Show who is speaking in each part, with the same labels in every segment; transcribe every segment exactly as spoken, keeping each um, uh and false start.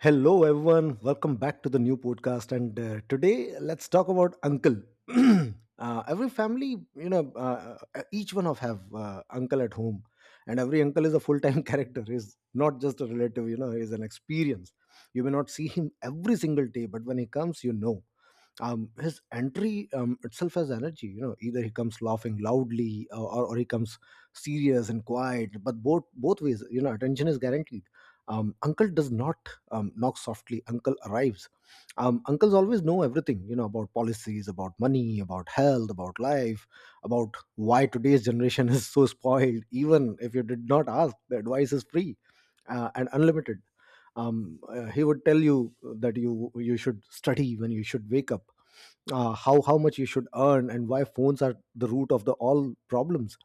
Speaker 1: Hello, everyone. Welcome back to the new podcast. And uh, today, let's talk about uncle. Uh, every family, you know, uh, uh, each one of have uh, uncle at home, and every uncle is a full time character. Is not just a relative, you know, is an experience. You may not see him every single day, but when he comes, you know um, his entry um, itself has energy. You know, either he comes laughing loudly, uh, or or he comes serious and quiet. But both both ways, you know, attention is guaranteed. Um, uncle does not um, knock softly. Uncle arrives. Um, uncles always know everything, you know, about policies, about money, about health, about life, about why today's generation is so spoiled. Even if you did not ask, the advice is free uh, and unlimited. Um, uh, he would tell you that you you should study, when you should wake up, uh, how how much you should earn, and why phones are the root of the all problems.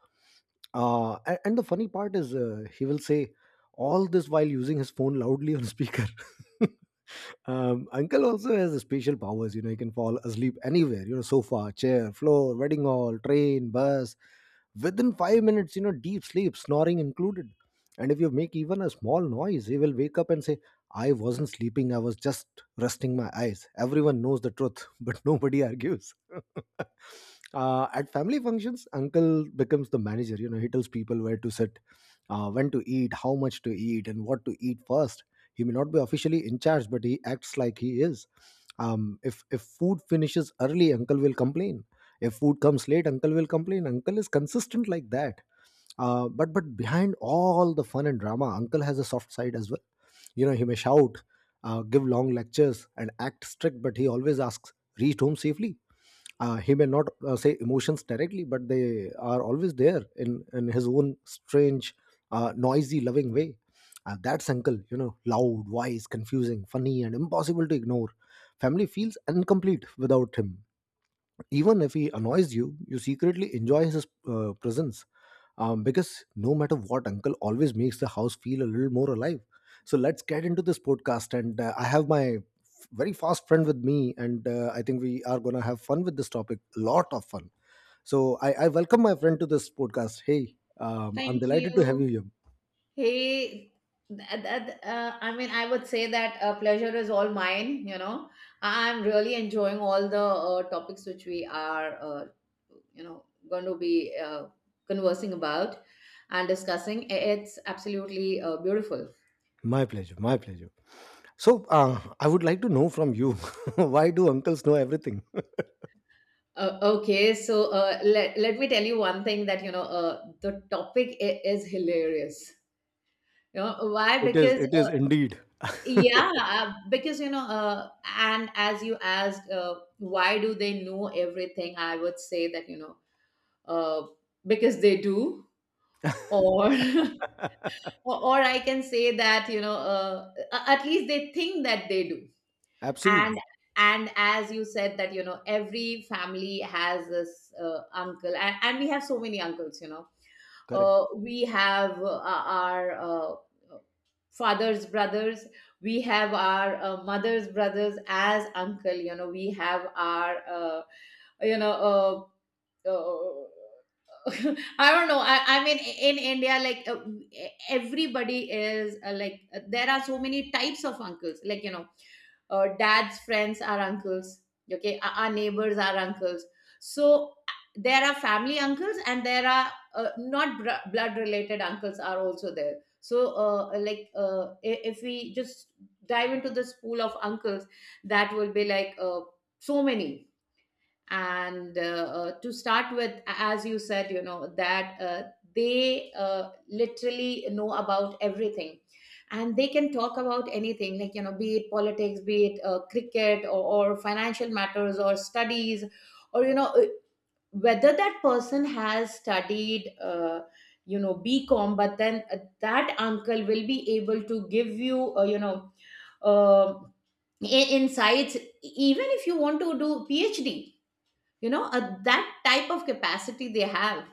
Speaker 1: Uh, and, and the funny part is, uh, he will say all this while using his phone loudly on speaker. Um, uncle also has special powers. You know, he can fall asleep anywhere. You know, sofa, chair, floor, wedding hall, train, bus. Within five minutes, you know, deep sleep, snoring included. And if you make even a small noise, he will wake up and say, "I wasn't sleeping. I was just resting my eyes." Everyone knows the truth, but nobody argues. Uh, at family functions, uncle becomes the manager. You know, he tells people where to sit, uh, when to eat, how much to eat, and what to eat first. He may not be officially in charge, but he acts like he is. Um, if if food finishes early, uncle will complain. If food comes late, uncle will complain. Uncle is consistent like that. Uh, but but behind all the fun and drama, Uncle has a soft side as well. You know, he may shout, uh, give long lectures, and act strict, but he always asks, "Reached home safely?" Uh, he may not uh, say emotions directly, but they are always there in in his own strange, uh, noisy, loving way. Uh, that's Uncle. You know, loud, wise, confusing, funny, and impossible to ignore. Family feels incomplete without him. Even if he annoys you, you secretly enjoy his uh, presence, um, because no matter what, Uncle always makes the house feel a little more alive. So let's get into this podcast. And uh, I have my f- very fast friend with me, and uh, I think we are going to have fun with this topic. A lot of fun. So I, I welcome my friend to this podcast. Hey, um, I'm
Speaker 2: Thank
Speaker 1: delighted to have you
Speaker 2: you.
Speaker 1: here.
Speaker 2: Hey, that, that, uh, I mean, I would say that uh, pleasure is all mine, you know. I'm really enjoying all the uh, topics which we are, uh, you know, going to be uh, conversing about and discussing. It's absolutely uh, beautiful.
Speaker 1: My pleasure. My pleasure. So, uh, I would like to know from you, why do uncles know everything?
Speaker 2: Uh, okay, so uh, let, let me tell you one thing that, you know, uh, the topic i- is hilarious. You know why?
Speaker 1: It is.
Speaker 2: Because
Speaker 1: It is
Speaker 2: uh,
Speaker 1: indeed.
Speaker 2: Yeah, uh, because, you know, uh, and as you asked, uh, why do they know everything? I would say that, you know, uh, because they do. Or or, or I can say that, you know, uh, a- at least they think that they do. And
Speaker 1: Absolutely
Speaker 2: and as you said that, you know, every family has this uh, uncle, and, and we have so many uncles. You know,
Speaker 1: correct.
Speaker 2: uh, we have uh, our. Uh, father's brothers, we have our uh, mother's brothers as uncle. You know we have our uh, you know uh, uh, i don't know. I, I mean, in india like, uh, everybody is, uh, like, uh, there are so many types of uncles, like, you know uh, dad's friends are uncles. Okay, our our neighbors are uncles. So there are family uncles, and there are uh, not br- blood related uncles are also there. So uh, like, uh, i- if we just dive into this pool of uncles, that will be like, uh, so many. And uh, uh, to start with, as you said, you know that uh, they uh, literally know about everything, and they can talk about anything, like, you know be it politics, be it uh, cricket, or, or financial matters, or studies, or, you know uh, whether that person has studied, uh, you know bcom, but then uh, that uncle will be able to give you, uh, you know uh, i- insights, e-, even if you want to do phd. You know uh, that type of capacity they have.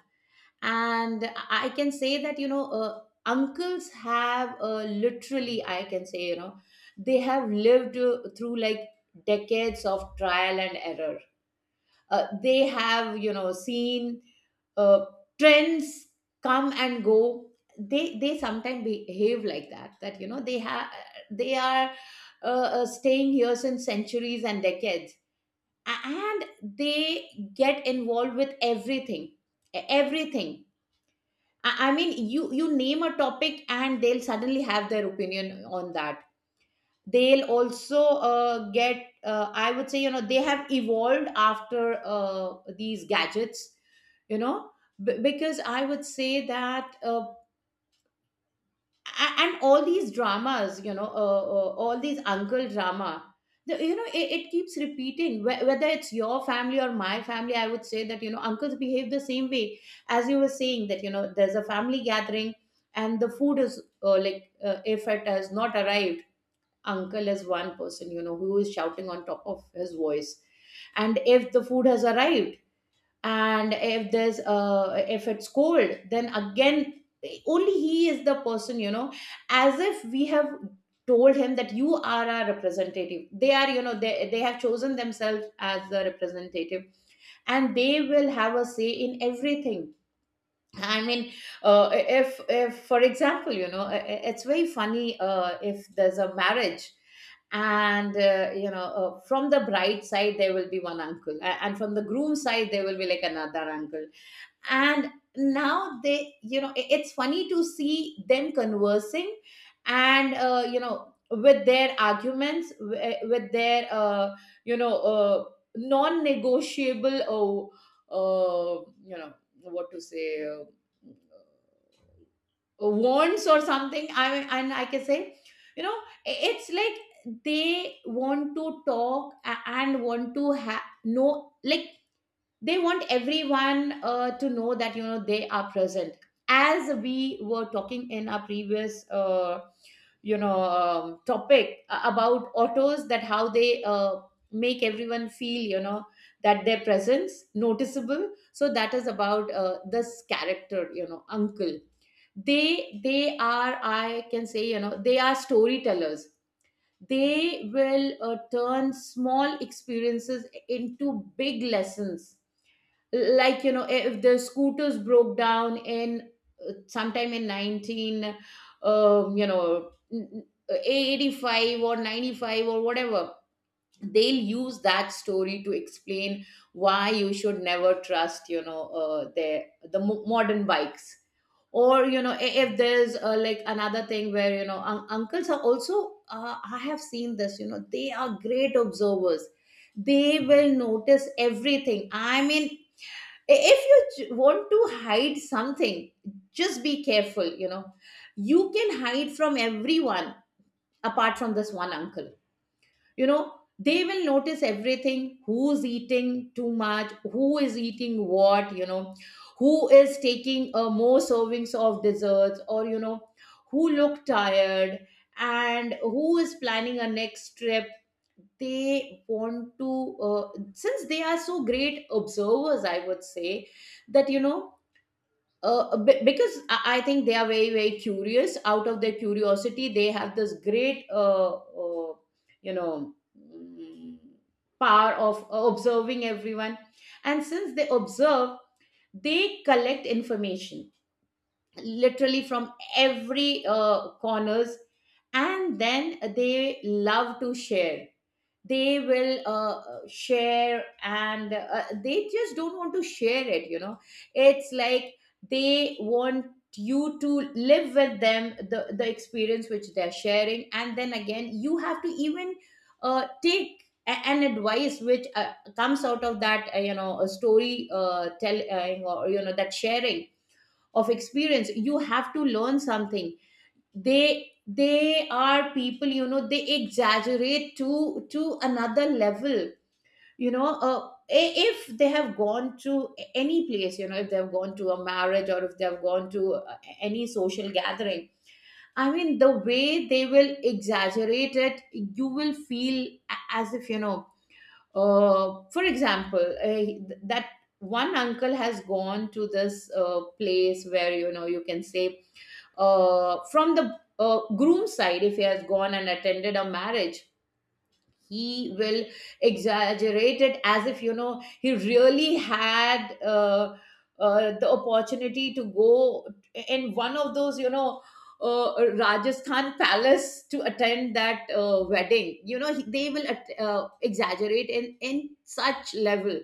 Speaker 2: And I can say that, you know uh, uncles have, uh, literally I can say, you know they have lived, uh, through, like, decades of trial and error. Uh, they have, you know seen uh, trends come and go. They they sometimes behave like that, that, you know they have, they are uh, uh, staying here since centuries and decades, and they get involved with everything. E- everything. I I mean, you you name a topic and they'll suddenly have their opinion on that. They'll also uh, get, uh, I would say, you know they have evolved after uh, these gadgets you know B- because I would say that, uh, A- and all these dramas, you know uh, uh, all these uncle drama, the, you know it, it keeps repeating. Wh- whether it's your family or my family, I would say that, you know uncles behave the same way. As you were saying, that you know there's a family gathering, and the food is, uh, like, uh, if it has not arrived, uncle is one person, you know who is shouting on top of his voice. And if the food has arrived, and if there's uh if it's cold, then again, only he is the person you know As if we have told him that you are our representative. They are you know they, they have chosen themselves as the representative, and they will have a say in everything. I mean, uh, if if for example, you know i- i- it's very funny, uh, if there's a marriage, and, uh, you know uh, from the bride side there will be one uncle, a- and from the groom side there will be, like, another uncle. And now, they, you know i- it's funny to see them conversing. And, uh, you know with their arguments, wi- with their, uh, you know uh, non-negotiable, or, uh, you know what to say, uh, wants, or something. I mean, and I can say, you know i- it's like they want to talk, a- and want to have no, like, they want everyone uh, to know that, you know they are present. As we were talking in our previous, uh, you know um, topic, a- about autos, that how they uh, make everyone feel, you know that their presence noticeable. So that is about, uh, this character, you know, uncle. They they are, I can say, you know they are storytellers. They will uh, turn small experiences into big lessons, like, you know if the scooters broke down in, uh, sometime in nineteen, um, you know eighty-five, or ninety-five, or whatever. They'll use that story to explain why you should never trust, you know uh, their the mo- modern bikes. Or, you know i- if there's, uh, like, another thing, where, you know un- uncles are also, uh, I have seen this, you know they are great observers. They will notice everything. I mean, if you j- want to hide something, just be careful. You know you can hide from everyone apart from this one uncle you know they will notice everything, who's eating too much, who is eating what, you know who is taking uh, more servings of desserts, or, you know who look tired, and who is planning a next trip. They want to uh, since they are so great observers, I would say that, you know uh, uh, be- because I I think they are very, very curious. Out of their curiosity, they have this great, uh, uh, you know, mm, power of uh, observing everyone. And since they observe, they collect information literally from every uh, corners, and then they love to share. They will uh, share, and uh, they just don't want to share it you know It's like they want you to live with them the the experience which they're sharing, and then again you have to even uh, take a- an advice which uh, comes out of that, uh, you know a story uh, telling, or, you know that sharing of experience. You have to learn something. They they are people, you know they exaggerate to to another level you know uh, i- if they have gone to a- any place, you know if they have gone to a marriage, or if they have gone to uh, any social gathering, I mean the way they will exaggerate it, you will feel a- as if, you know uh, for example, uh, th- that one uncle has gone to this uh, place where, you know you can say, uh, from the uh, groom's side, if he has gone and attended a marriage, he will exaggerate it as if, you know he really had, uh, uh, the opportunity to go in one of those, you know uh, Rajasthan palace, to attend that uh, wedding. You know he, they will at- uh, exaggerate in in such level.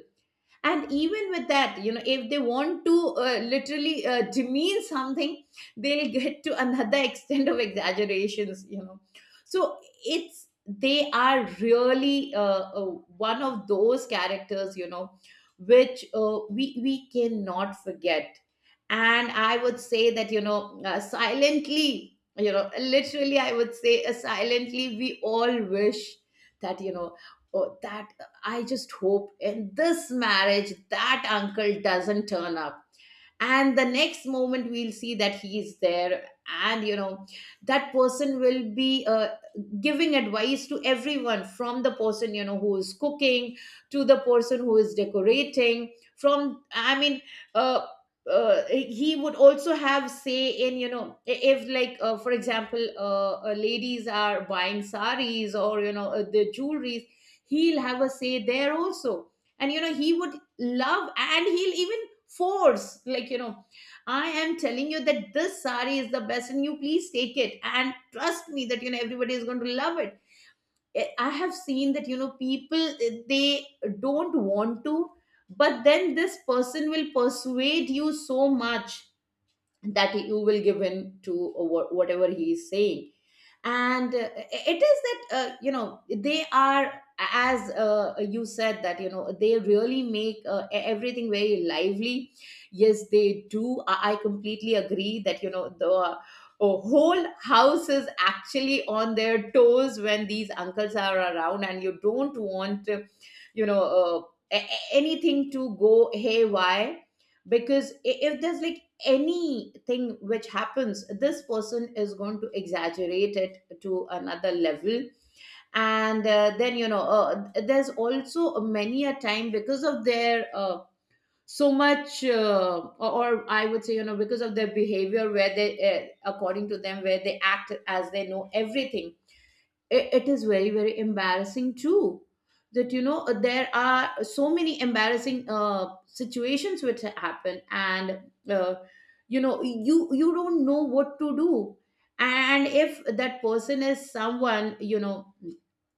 Speaker 2: And even with that, you know if they want to uh, literally uh, demean something, they'll get to another extent of exaggerations, you know. So it's, they are really, uh, uh, one of those characters, you know which uh, we we cannot forget. And I would say that, you know uh, silently, you know literally, I would say, uh, silently, we all wish that, you know oh, that I just hope in this marriage that uncle doesn't turn up, and the next moment we'll see that he is there. And, you know that person will be, uh, giving advice to everyone, from the person, you know who is cooking, to the person who is decorating, from, I mean, uh, uh, he would also have say in, you know i- if, like, uh, for example, uh, uh, ladies are buying saris, or, you know uh, the jewelries. He'll have a say there also. And, you know he would love, and he'll even force, like, you know I am telling you that this sari is the best, and you please take it, and trust me that, you know everybody is going to love it. Eh, I have seen that, you know people, eh, they don't want to, but then this person will persuade you so much that you will give in to wha- whatever he is saying. And uh, it is that, uh, you know they are, as uh, you said that, you know they really make, uh, e- everything very lively. Yes, they do. I, I completely agree that, you know the uh, whole house is actually on their toes when these uncles are around, and you don't want, uh, you know uh, a- a- anything to go haywire, because i- if there's, like, anything which happens, this person is going to exaggerate it to another level. And uh, then, you know uh, there's also many a time because of their, uh, so much, uh, or or I would say, you know because of their behavior, where they uh, according to them, where they act as they know everything, it, it is very, very embarrassing, too, that, you know there Are so many embarrassing uh, situations which happen. And uh, you know, you you don't know what to do. And if that person is someone you know,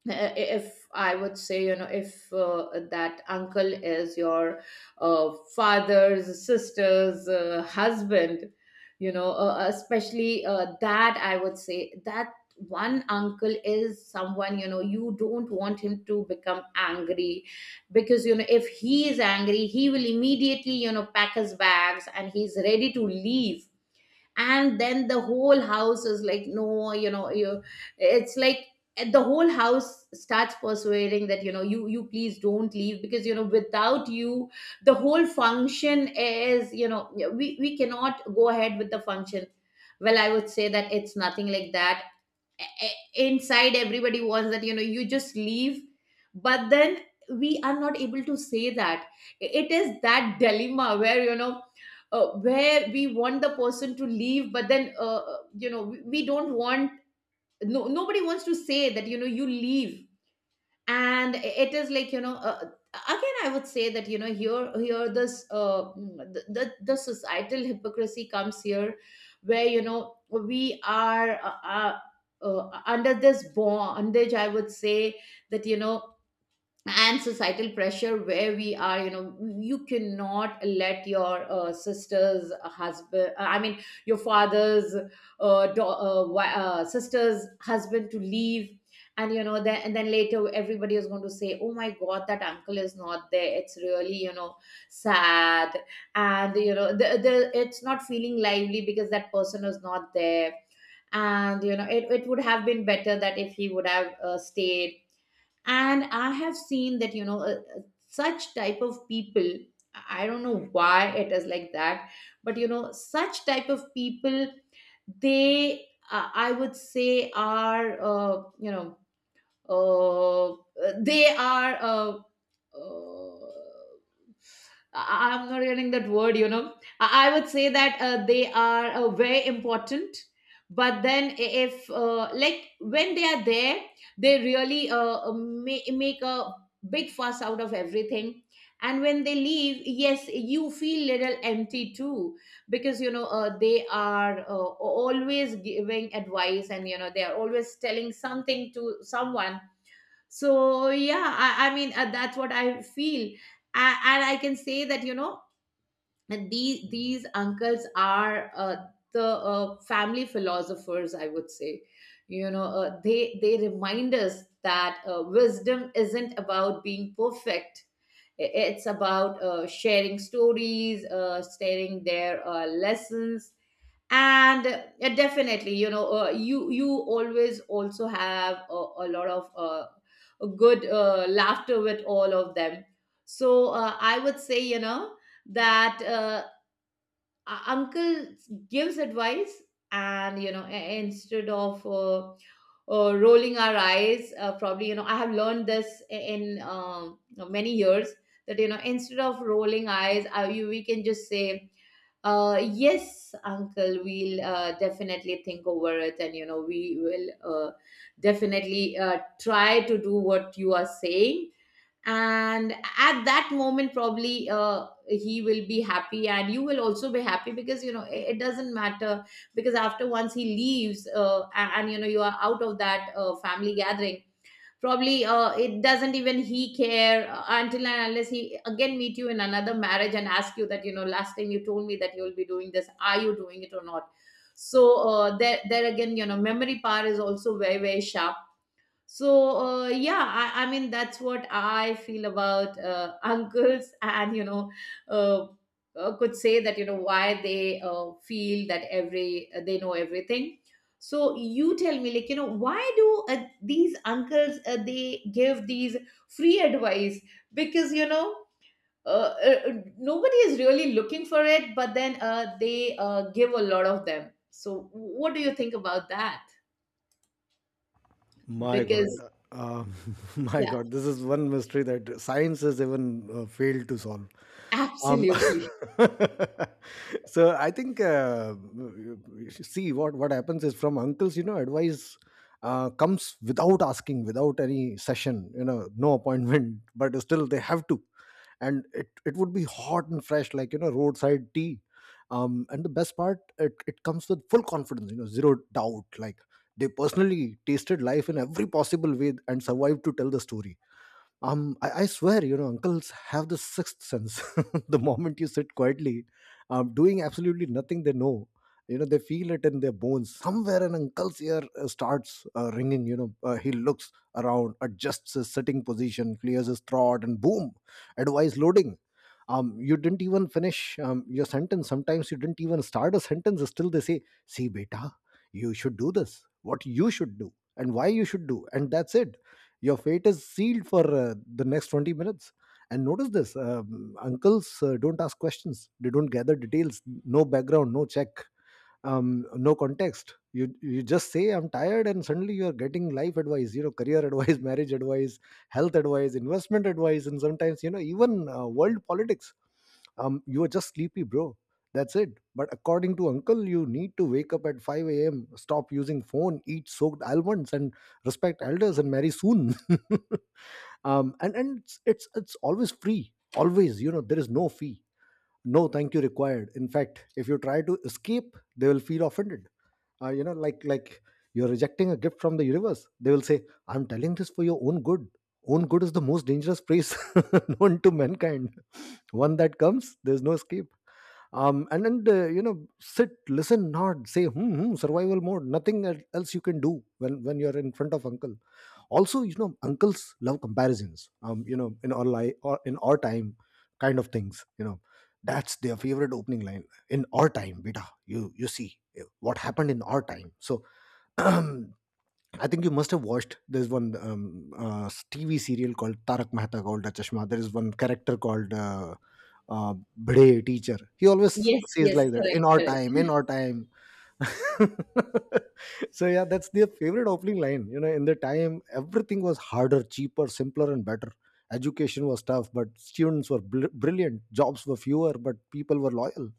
Speaker 2: uh, if I would say, you know, if uh, that uncle is your uh, father's sister's uh, husband, you know, uh, especially uh, that I would say that one uncle is someone, you know, you don't want him to become angry, because you know, if he is angry, he will immediately, you know, pack his bags and he's ready to leave. And then the whole house is like, no, you know, you, it's like the whole house starts persuading that, you know, you you please don't leave, because you know, without you the whole function is, you know, we we cannot go ahead with the function. Well, I would say that it's nothing like that. E- inside, everybody wants that, you know, you just leave. But then we are not able to say that. It is that dilemma where, you know, uh, where we want the person to leave, but then uh, uh, you know, we, we don't want. No, Nobody wants to say that, you know, you leave. And it is like, you know, uh, again I would say that, you know, here here this uh, mm, the, the the societal hypocrisy comes here, where you know, we are uh, uh, uh, under this bondage, I would say. That you know, and societal pressure where we are, you know, you cannot let your uh, sister's uh, husband, uh, I mean your father's uh, do- uh, wi- uh, sister's husband to leave. And you know, then and then later everybody is going to say, oh my god, that uncle is not there, it's really, you know, sad. And you know, the, the it's not feeling lively because that person is not there. And you know, it, it would have been better that if he would have uh, stayed. And I have seen that, you know, uh, uh, such type of people. I don't know why it is like that, but you know, such type of people, they uh, I would say are, uh, you know, uh, they are, uh, uh, I- I'm not getting that word, you know. i, I would say that uh, they are uh, very important. But then i- if uh, like when they are there, they really uh, ma- make a big fuss out of everything. And when they leave, yes, you feel little empty too, because you know uh, they are uh, always giving advice, and you know they are always telling something to someone. So yeah, i, I mean uh, that's what I feel. A- and I can say that, you know, these these uncles are uh, the uh, family philosophers, I would say. You know, uh, they they remind us that uh, wisdom isn't about being perfect. I- it's about uh, sharing stories, uh, sharing their uh, lessons. And uh, definitely, you know, uh, you you always also have a, a lot of uh, a good uh, laughter with all of them. So uh, I would say, you know, that uh, u- uncle gives advice. And you know, i- instead of uh, uh, rolling our eyes, uh, probably you know, I have learned this in um, many years, that you know, instead of rolling eyes, uh, you, we can just say, uh, yes, Uncle, we'll uh, definitely think over it, and you know, we will uh, definitely uh, try to do what you are saying. And at that moment, probably uh, he will be happy, and you will also be happy because you know it, it doesn't matter. Because after once he leaves, uh, a- and, you know, you are out of that uh, family gathering, probably uh, it doesn't even he care uh, until and unless he again meet you in another marriage and ask you that, you know, last time you told me that you will be doing this, are you doing it or not? So uh, there there again, you know, memory power is also very very sharp. So uh, yeah, I, I mean that's what I feel about uh, uncles. And you know, uh, uh, could say that, you know, why they uh, feel that every uh, they know everything. So you tell me, like, you know, why do uh, these uncles uh, they give these free advice? Because you know, uh, uh, nobody is really looking for it, but then uh, they uh, give a lot of them. So what do you think about that?
Speaker 1: My God,
Speaker 2: Because
Speaker 1: uh, my
Speaker 2: yeah,
Speaker 1: God, this is one mystery that science has even uh, failed to solve. Um,
Speaker 2: absolutely.
Speaker 1: so I think, uh, you should see what what happens is, from uncles, you know, advice uh, comes without asking, without any session, you know, no appointment, but still they have to. And it, it would be hot and fresh, like you know, roadside tea. Um, and the best part, it, it comes with full confidence, you know, zero doubt, like they personally tasted life in every possible way and survived to tell the story. Um, I, I swear, you know, uncles have the sixth sense. The moment you sit quietly, um, doing absolutely nothing, they know. You know, they feel it in their bones. Somewhere an uncle's ear uh, starts uh, ringing. You know, uh, he looks around, adjusts his sitting position, clears his throat, and boom, advice loading. Um, you didn't even finish um, your sentence, sometimes you didn't even start a sentence, still they say, "See, beta, you should do this, what you should do and why you should do," and that's it. Your fate is sealed for uh, the next twenty minutes. And notice this, um, uncles uh, don't ask questions, they don't gather details, no background, no check, um no context. you you just say, "I'm tired," and suddenly you are getting life advice, you know, career advice, marriage advice, health advice, investment advice, and sometimes, you know, even uh, world politics. Um you are just sleepy, bro, that's it. But according to uncle, you need to wake up at five a.m., stop using phone, eat soaked almonds, and respect elders, and marry soon. um and and it's, it's it's always free, always, you know, there is no fee, no thank you required. In fact, if you try to escape, they will feel offended. Uh, you know, like like you're rejecting a gift from the universe. They will say, "I'm telling this for your own good." Own good is the most dangerous phrase known to mankind. One that comes, there's no escape. Um and and uh, You know, sit, listen, nod, say hmm, hmm, survival mode, nothing el- else you can do when when you're in front of uncle. Also, you know, uncles love comparisons. Um you know, "in our life" or "in our time" kind of things, you know, that's their favorite opening line. "In our time, beta, you you see eh, what happened in our time." So I think you must have watched, there's one um, uh, TV serial called Tarak Mehta called Chashma. There is one character called uh, uh, Bhide teacher, he always
Speaker 2: Yes,
Speaker 1: says
Speaker 2: yes,
Speaker 1: like that,
Speaker 2: correct,
Speaker 1: "in our time, in
Speaker 2: correct.
Speaker 1: our time." So yeah, that's their favorite opening line. You know, in the time, everything was harder, cheaper, simpler, and better. Education was tough, but students were bl- brilliant. Jobs were fewer, but people were loyal.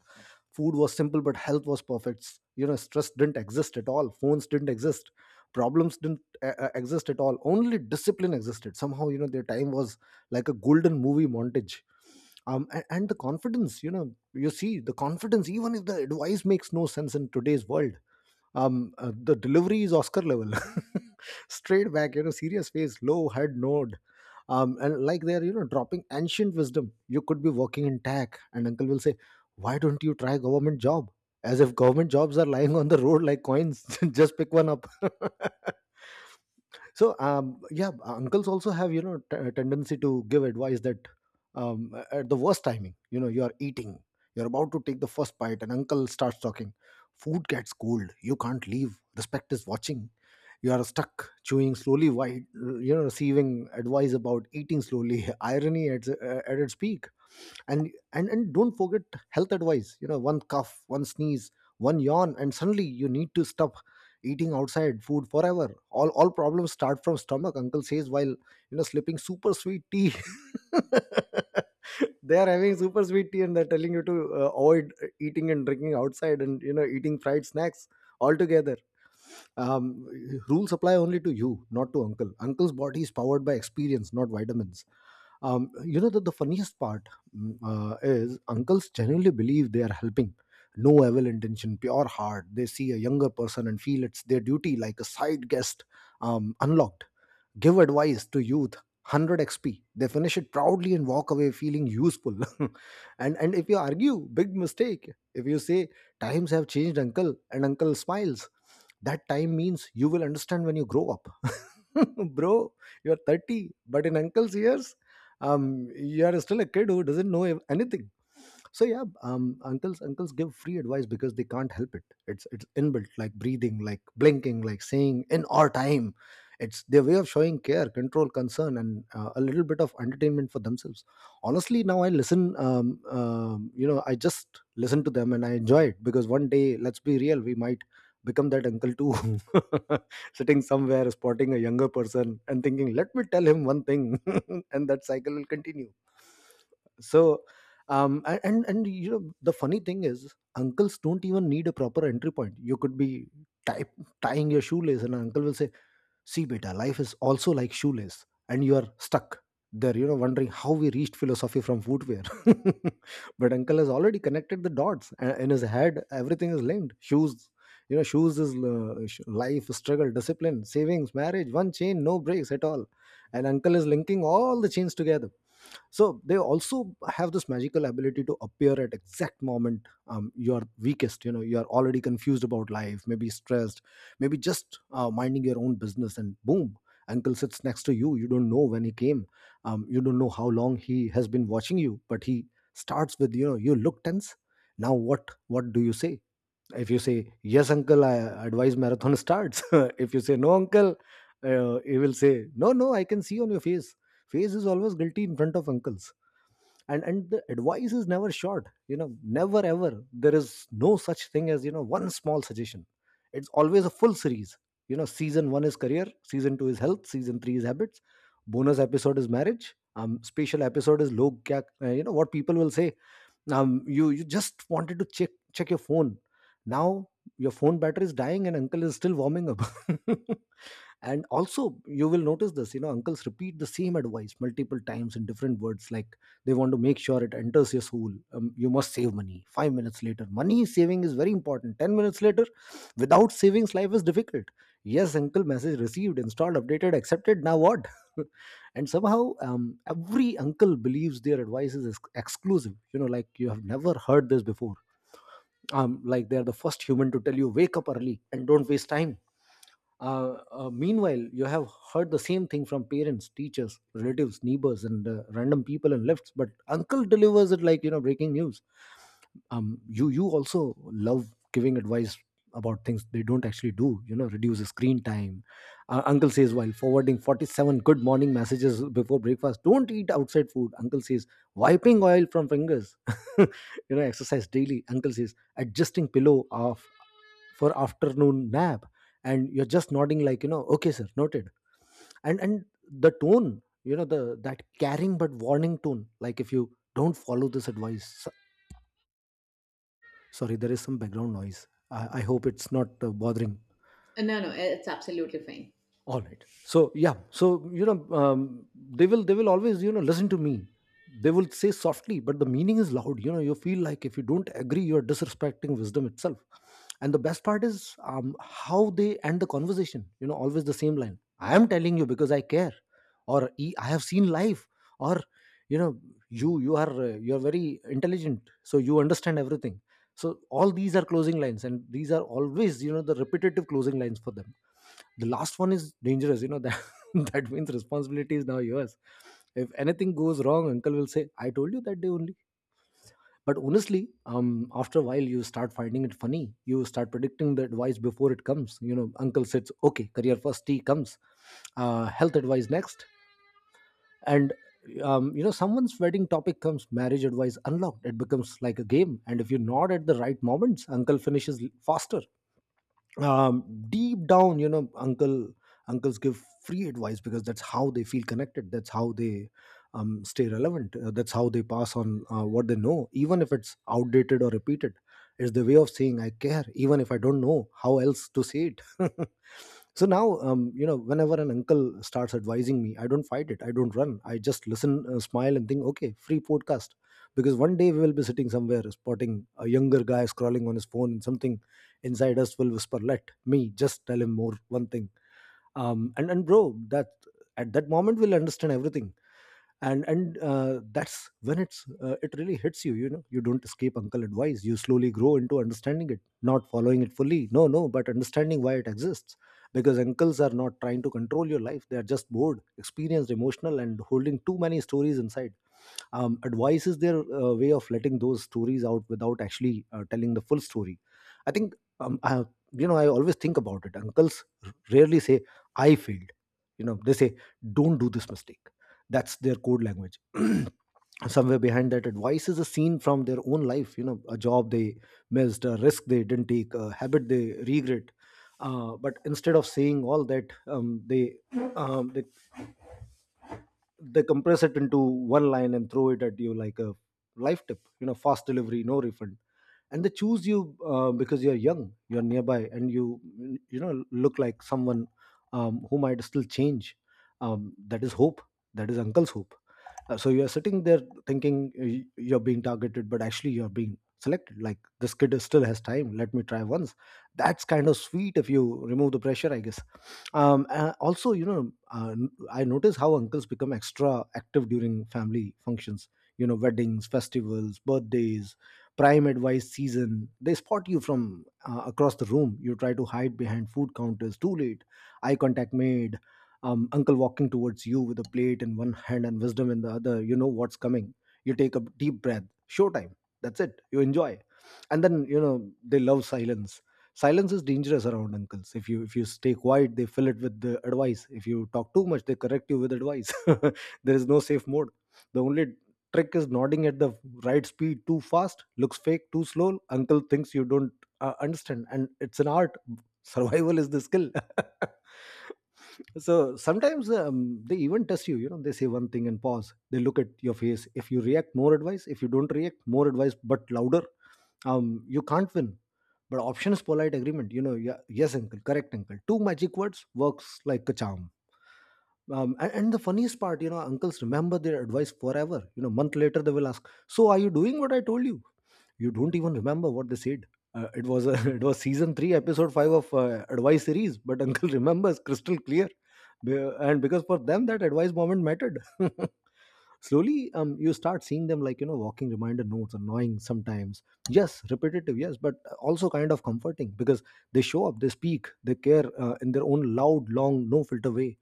Speaker 1: Food was simple, but health was perfect. You know, stress didn't exist at all. Phones didn't exist. Problems didn't uh, uh, exist at all. Only discipline existed. Somehow, you know, their time was like a golden movie montage. Um, and, and the confidence, you know, you see the confidence, even if the advice makes no sense in today's world. Um uh, the delivery is Oscar level. Straight back, you know, serious face, low head nod, um and like they're, you know, dropping ancient wisdom. You could be working in tech and uncle will say, "Why don't you try government job?" As if government jobs are lying on the road like coins. Just pick one up. So, um, yeah, uncles also have, you know, t- a tendency to give advice that, um, at the worst timing. You know, you are eating, you're about to take the first bite, and uncle starts talking. Food gets cold, you can't leave, respect is watching. You are stuck chewing slowly while, you know, receiving advice about eating slowly. Irony at, uh, at its peak. And and and don't forget health advice. You know, one cough, one sneeze, one yawn, and suddenly you need to stop eating outside food forever. All all problems start from stomach, uncle says, while, you know, slipping super sweet tea. They are having super sweet tea and they're telling you to uh, avoid uh, eating and drinking outside and, you know, eating fried snacks altogether. um, Rules apply only to you, not to uncle. Uncle's body is powered by experience, not vitamins. Um, you know, that the funniest part mm, uh, is uncles genuinely believe they are helping. No evil intention, pure heart. They see a younger person and feel it's their duty, like a side guest um, unlocked, give advice to youth, one hundred xp, they finish it proudly and walk away feeling useful. and and if you argue, big mistake. If you say, "Times have changed, uncle," and uncle smiles, "That time means you will understand when you grow up." Bro, you're thirty, but in uncle's years, um you are still a kid who doesn't know ev- anything. So yeah, um uncles uncles give free advice because they can't help it. It's it's inbuilt, like breathing, like blinking, like saying, "in our time." It's their way of showing care, control, concern, and uh, a little bit of entertainment for themselves. Honestly, now I listen. Um, um, you know, I just listen to them and I enjoy it because one day, let's be real, we might become that uncle too, sitting somewhere spotting a younger person and thinking, "Let me tell him one thing," and that cycle will continue. So um a- and and you know the funny thing is, uncles don't even need a proper entry point. You could be type, tying your shoelace and an uncle will say, "See, beta, life is also like shoelace, and you are stuck there," you know, wondering how we reached philosophy from footwear. But uncle has already connected the dots, and in his head, everything is linked. Shoes, you know, shoes is uh, sh- life, struggle, discipline, savings, marriage, one chain, no breaks at all. And uncle is linking all the chains together. So they also have this magical ability to appear at exact moment um, you're weakest. You know you're already confused about life, maybe stressed, maybe just uh, minding your own business, and boom, uncle sits next to you. You don't know when he came. Um, you don't know how long he has been watching you, but he starts with, you know "You look tense." Now what what do you say? If you say yes uncle, I advise marathon starts. If you say no uncle, uh, he will say, "No, no, I can see on your face." Face is always guilty in front of uncles. And and the advice is never short, you know never ever. There is no such thing as you know one small suggestion. It's always a full series. You know season one is career, season two is health, season three is habits, bonus episode is marriage, um special episode is log kya, uh, you know, what people will say. um, you you just wanted to check check your phone. Now your phone battery is dying, and uncle is still warming up. And also you will notice this, you know uncles repeat the same advice multiple times in different words, like they want to make sure it enters your soul. Um, you must save money. five minutes later, money saving is very important. ten minutes later, without savings life is difficult. Yes uncle, message received, installed, updated, accepted. Now what? And somehow, um, every uncle believes their advice is ex- exclusive, you know, like you have never heard this before. Um, like they are the first human to tell you, "Wake up early and don't waste time." Uh, uh, meanwhile, you have heard the same thing from parents, teachers, relatives, neighbors, and uh, random people in lifts. But uncle delivers it like, you know breaking news. Um, you you also love giving advice about things they don't actually do. You know, reduce the screen time. Uh, uncle says while forwarding forty-seven good morning messages before breakfast. Don't eat outside food. Uncle says, wiping oil from fingers. you know, Exercise daily. Uncle says, adjusting pillow off for afternoon nap. And you're just nodding like, you know okay sir, noted. And and the tone, you know the that caring but warning tone, like if you don't follow this advice so— sorry, there is some background noise. i, I hope it's not uh, bothering.
Speaker 2: Uh, No, no, it's absolutely fine.
Speaker 1: All right. So yeah so you know um, they will they will always, you know listen to me. They will say softly, but the meaning is loud. You know you feel like if you don't agree, you're disrespecting wisdom itself. And the best part is, um, how they end the conversation. You know always the same line: "I am telling you because I care," or, "E- I have seen life," or, you know you you are uh, you are very intelligent, so you understand everything." So all these are closing lines, and these are always, you know the repetitive closing lines for them. The last one is dangerous, you know that. That means responsibility is now yours. If anything goes wrong, uncle will say, "I told you that day only." But honestly, um after a while you start finding it funny. You start predicting the advice before it comes. You know uncle says okay, career first, tea comes, uh, health advice next. And um, you know someone's wedding topic comes, marriage advice unlocked. It becomes like a game, and if you nod at the right moments, uncle finishes faster. um, Deep down, you know, uncle uncles give free advice because that's how they feel connected. That's how they um, stay relevant. Uh, that's how they pass on uh, what they know, even if it's outdated or repeated. It's the way of saying I care, even if I don't know how else to say it. So now, um, you know, whenever an uncle starts advising me, I don't fight it. I don't run. I just listen, uh, smile, and think, okay, free podcast. Because one day we will be sitting somewhere, spotting a younger guy scrolling on his phone, and something inside us will whisper, "Let me just tell him more one thing." um and and bro, that at that moment we'll understand everything. And and uh, that's when it's uh, it really hits you. You know you don't escape uncle advice. You slowly grow into understanding it, not following it fully, no no, but understanding why it exists. Because uncles are not trying to control your life. They are just bored, experienced, emotional, and holding too many stories inside. Um, advice is their uh, way of letting those stories out without actually uh, telling the full story, I think. Um, I, you know i always think about it. Uncles r- rarely say, "I failed." You know they say, "Don't do this mistake." That's their code language. Somewhere behind that advice is a scene from their own life, you know a job they missed, a risk they didn't take, a habit they regret. Uh, but instead of saying all that, um, they um, they they compress it into one line and throw it at you like a life tip, you know fast delivery, no refund. And they choose you, uh, because you're young, you're nearby, and you you know look like someone um, who might still change. Um, that is hope. That is uncle's hope. Uh, so you're sitting there thinking uh, y- you're being targeted, but actually you're being selected, like, "This kid is- still has time, let me try once." That's kind of sweet if you remove the pressure, I guess. Um, uh, also, you know uh, n- I notice how uncles become extra active during family functions, you know weddings, festivals, birthdays — prime advice season. They spot you from uh, across the room. You try to hide behind food counters. Too late, eye contact made. Um, uncle walking towards you with a plate in one hand and wisdom in the other. You know what's coming. You take a deep breath. Showtime. That's it, you enjoy. And then, you know they love silence. Silence is dangerous around uncles. If you if you stay quiet, they fill it with the advice. If you talk too much, they correct you with advice. There is no safe mode. The only trick is nodding at the right speed. Too fast looks fake, too slow uncle thinks you don't uh, understand. And it's an art, survival is the skill. So sometimes um, they even test you, you know they say one thing and pause. They look at your face. If you react, more advice. If you don't react, more advice, but louder. Um you can't win. But option is polite agreement, you know yeah, yes uncle, correct uncle — two magic words, works like a charm. um, and, and the funniest part, you know uncles remember their advice forever. You know month later, they will ask, "So, are you doing what I told you?" You don't even remember what they said. Uh, it was a, it was season three episode five of uh, advice series, but uncle remembers crystal clear. Be- and Because for them that advice moment mattered. Slowly, um, you start seeing them like, you know walking reminder notes. Annoying sometimes, yes. Repetitive, yes. But uh, also kind of comforting, because they show up, they speak, they care, uh, in their own loud, long, no filter way.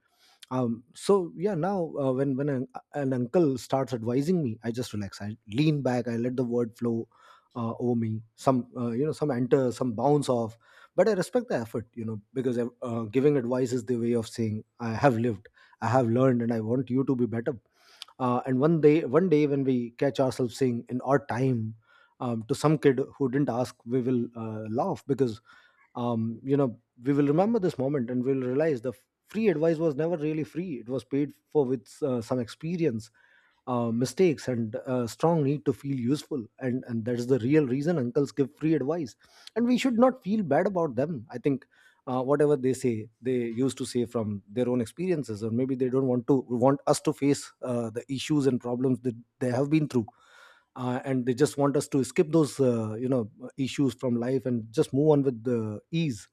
Speaker 1: um, So yeah, now uh, when when an, uh, an uncle starts advising me, I just relax, I lean back, I let the word flow uh, over me. Some uh, you know some enter, some bounce off. But I respect the effort, you know because uh, giving advice is the way of saying, "I have lived, I have learned, and I want you to be better." Uh, and one day, one day when we catch ourselves saying, "in our time," um, to some kid who didn't ask, we will uh, laugh because um, you know we will remember this moment. And we'll realize the f- free advice was never really free. It was paid for with uh, some experience, uh, mistakes, and uh, strong need to feel useful. And and that is the real reason uncles give free advice. And we should not feel bad about them, I think. Uh, whatever they say, they used to say from their own experiences. Or maybe they don't want to want us to face uh, the issues and problems that they have been through. Uh, and they just want us to skip those uh, you know issues from life and just move on with the ease.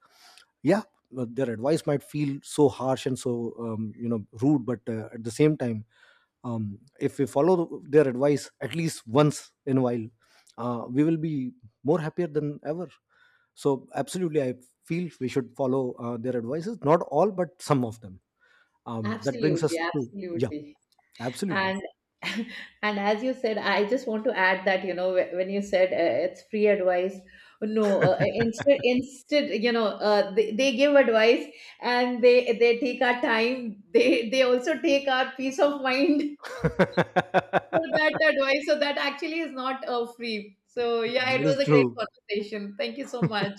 Speaker 1: Yeah. But their advice might feel so harsh and so um, you know rude, but uh, at the same time, um, if we follow their advice at least once in a while, uh, we will be more happier than ever. So absolutely, I feel we should follow uh, their advices, not all but some of them. Um, that brings
Speaker 2: Absolutely,
Speaker 1: us to, yeah,
Speaker 2: absolutely.
Speaker 1: absolutely.
Speaker 2: And and as you said, I just want to add that, you know, wh- when you said uh, it's free advice, no, uh, instead, instead, you know, uh, they, they give advice, and they they take our time. They they also take our peace of mind for
Speaker 1: That
Speaker 2: that advice. So that actually is not uh, free. So yeah, it
Speaker 1: is
Speaker 2: was a great
Speaker 1: true.
Speaker 2: conversation. Thank you so much.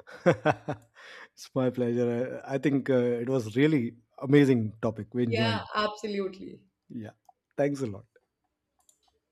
Speaker 1: It's my pleasure. I, I think uh, it was really amazing topic. We
Speaker 2: Yeah,
Speaker 1: enjoyed.
Speaker 2: absolutely.
Speaker 1: Yeah. Thanks a lot.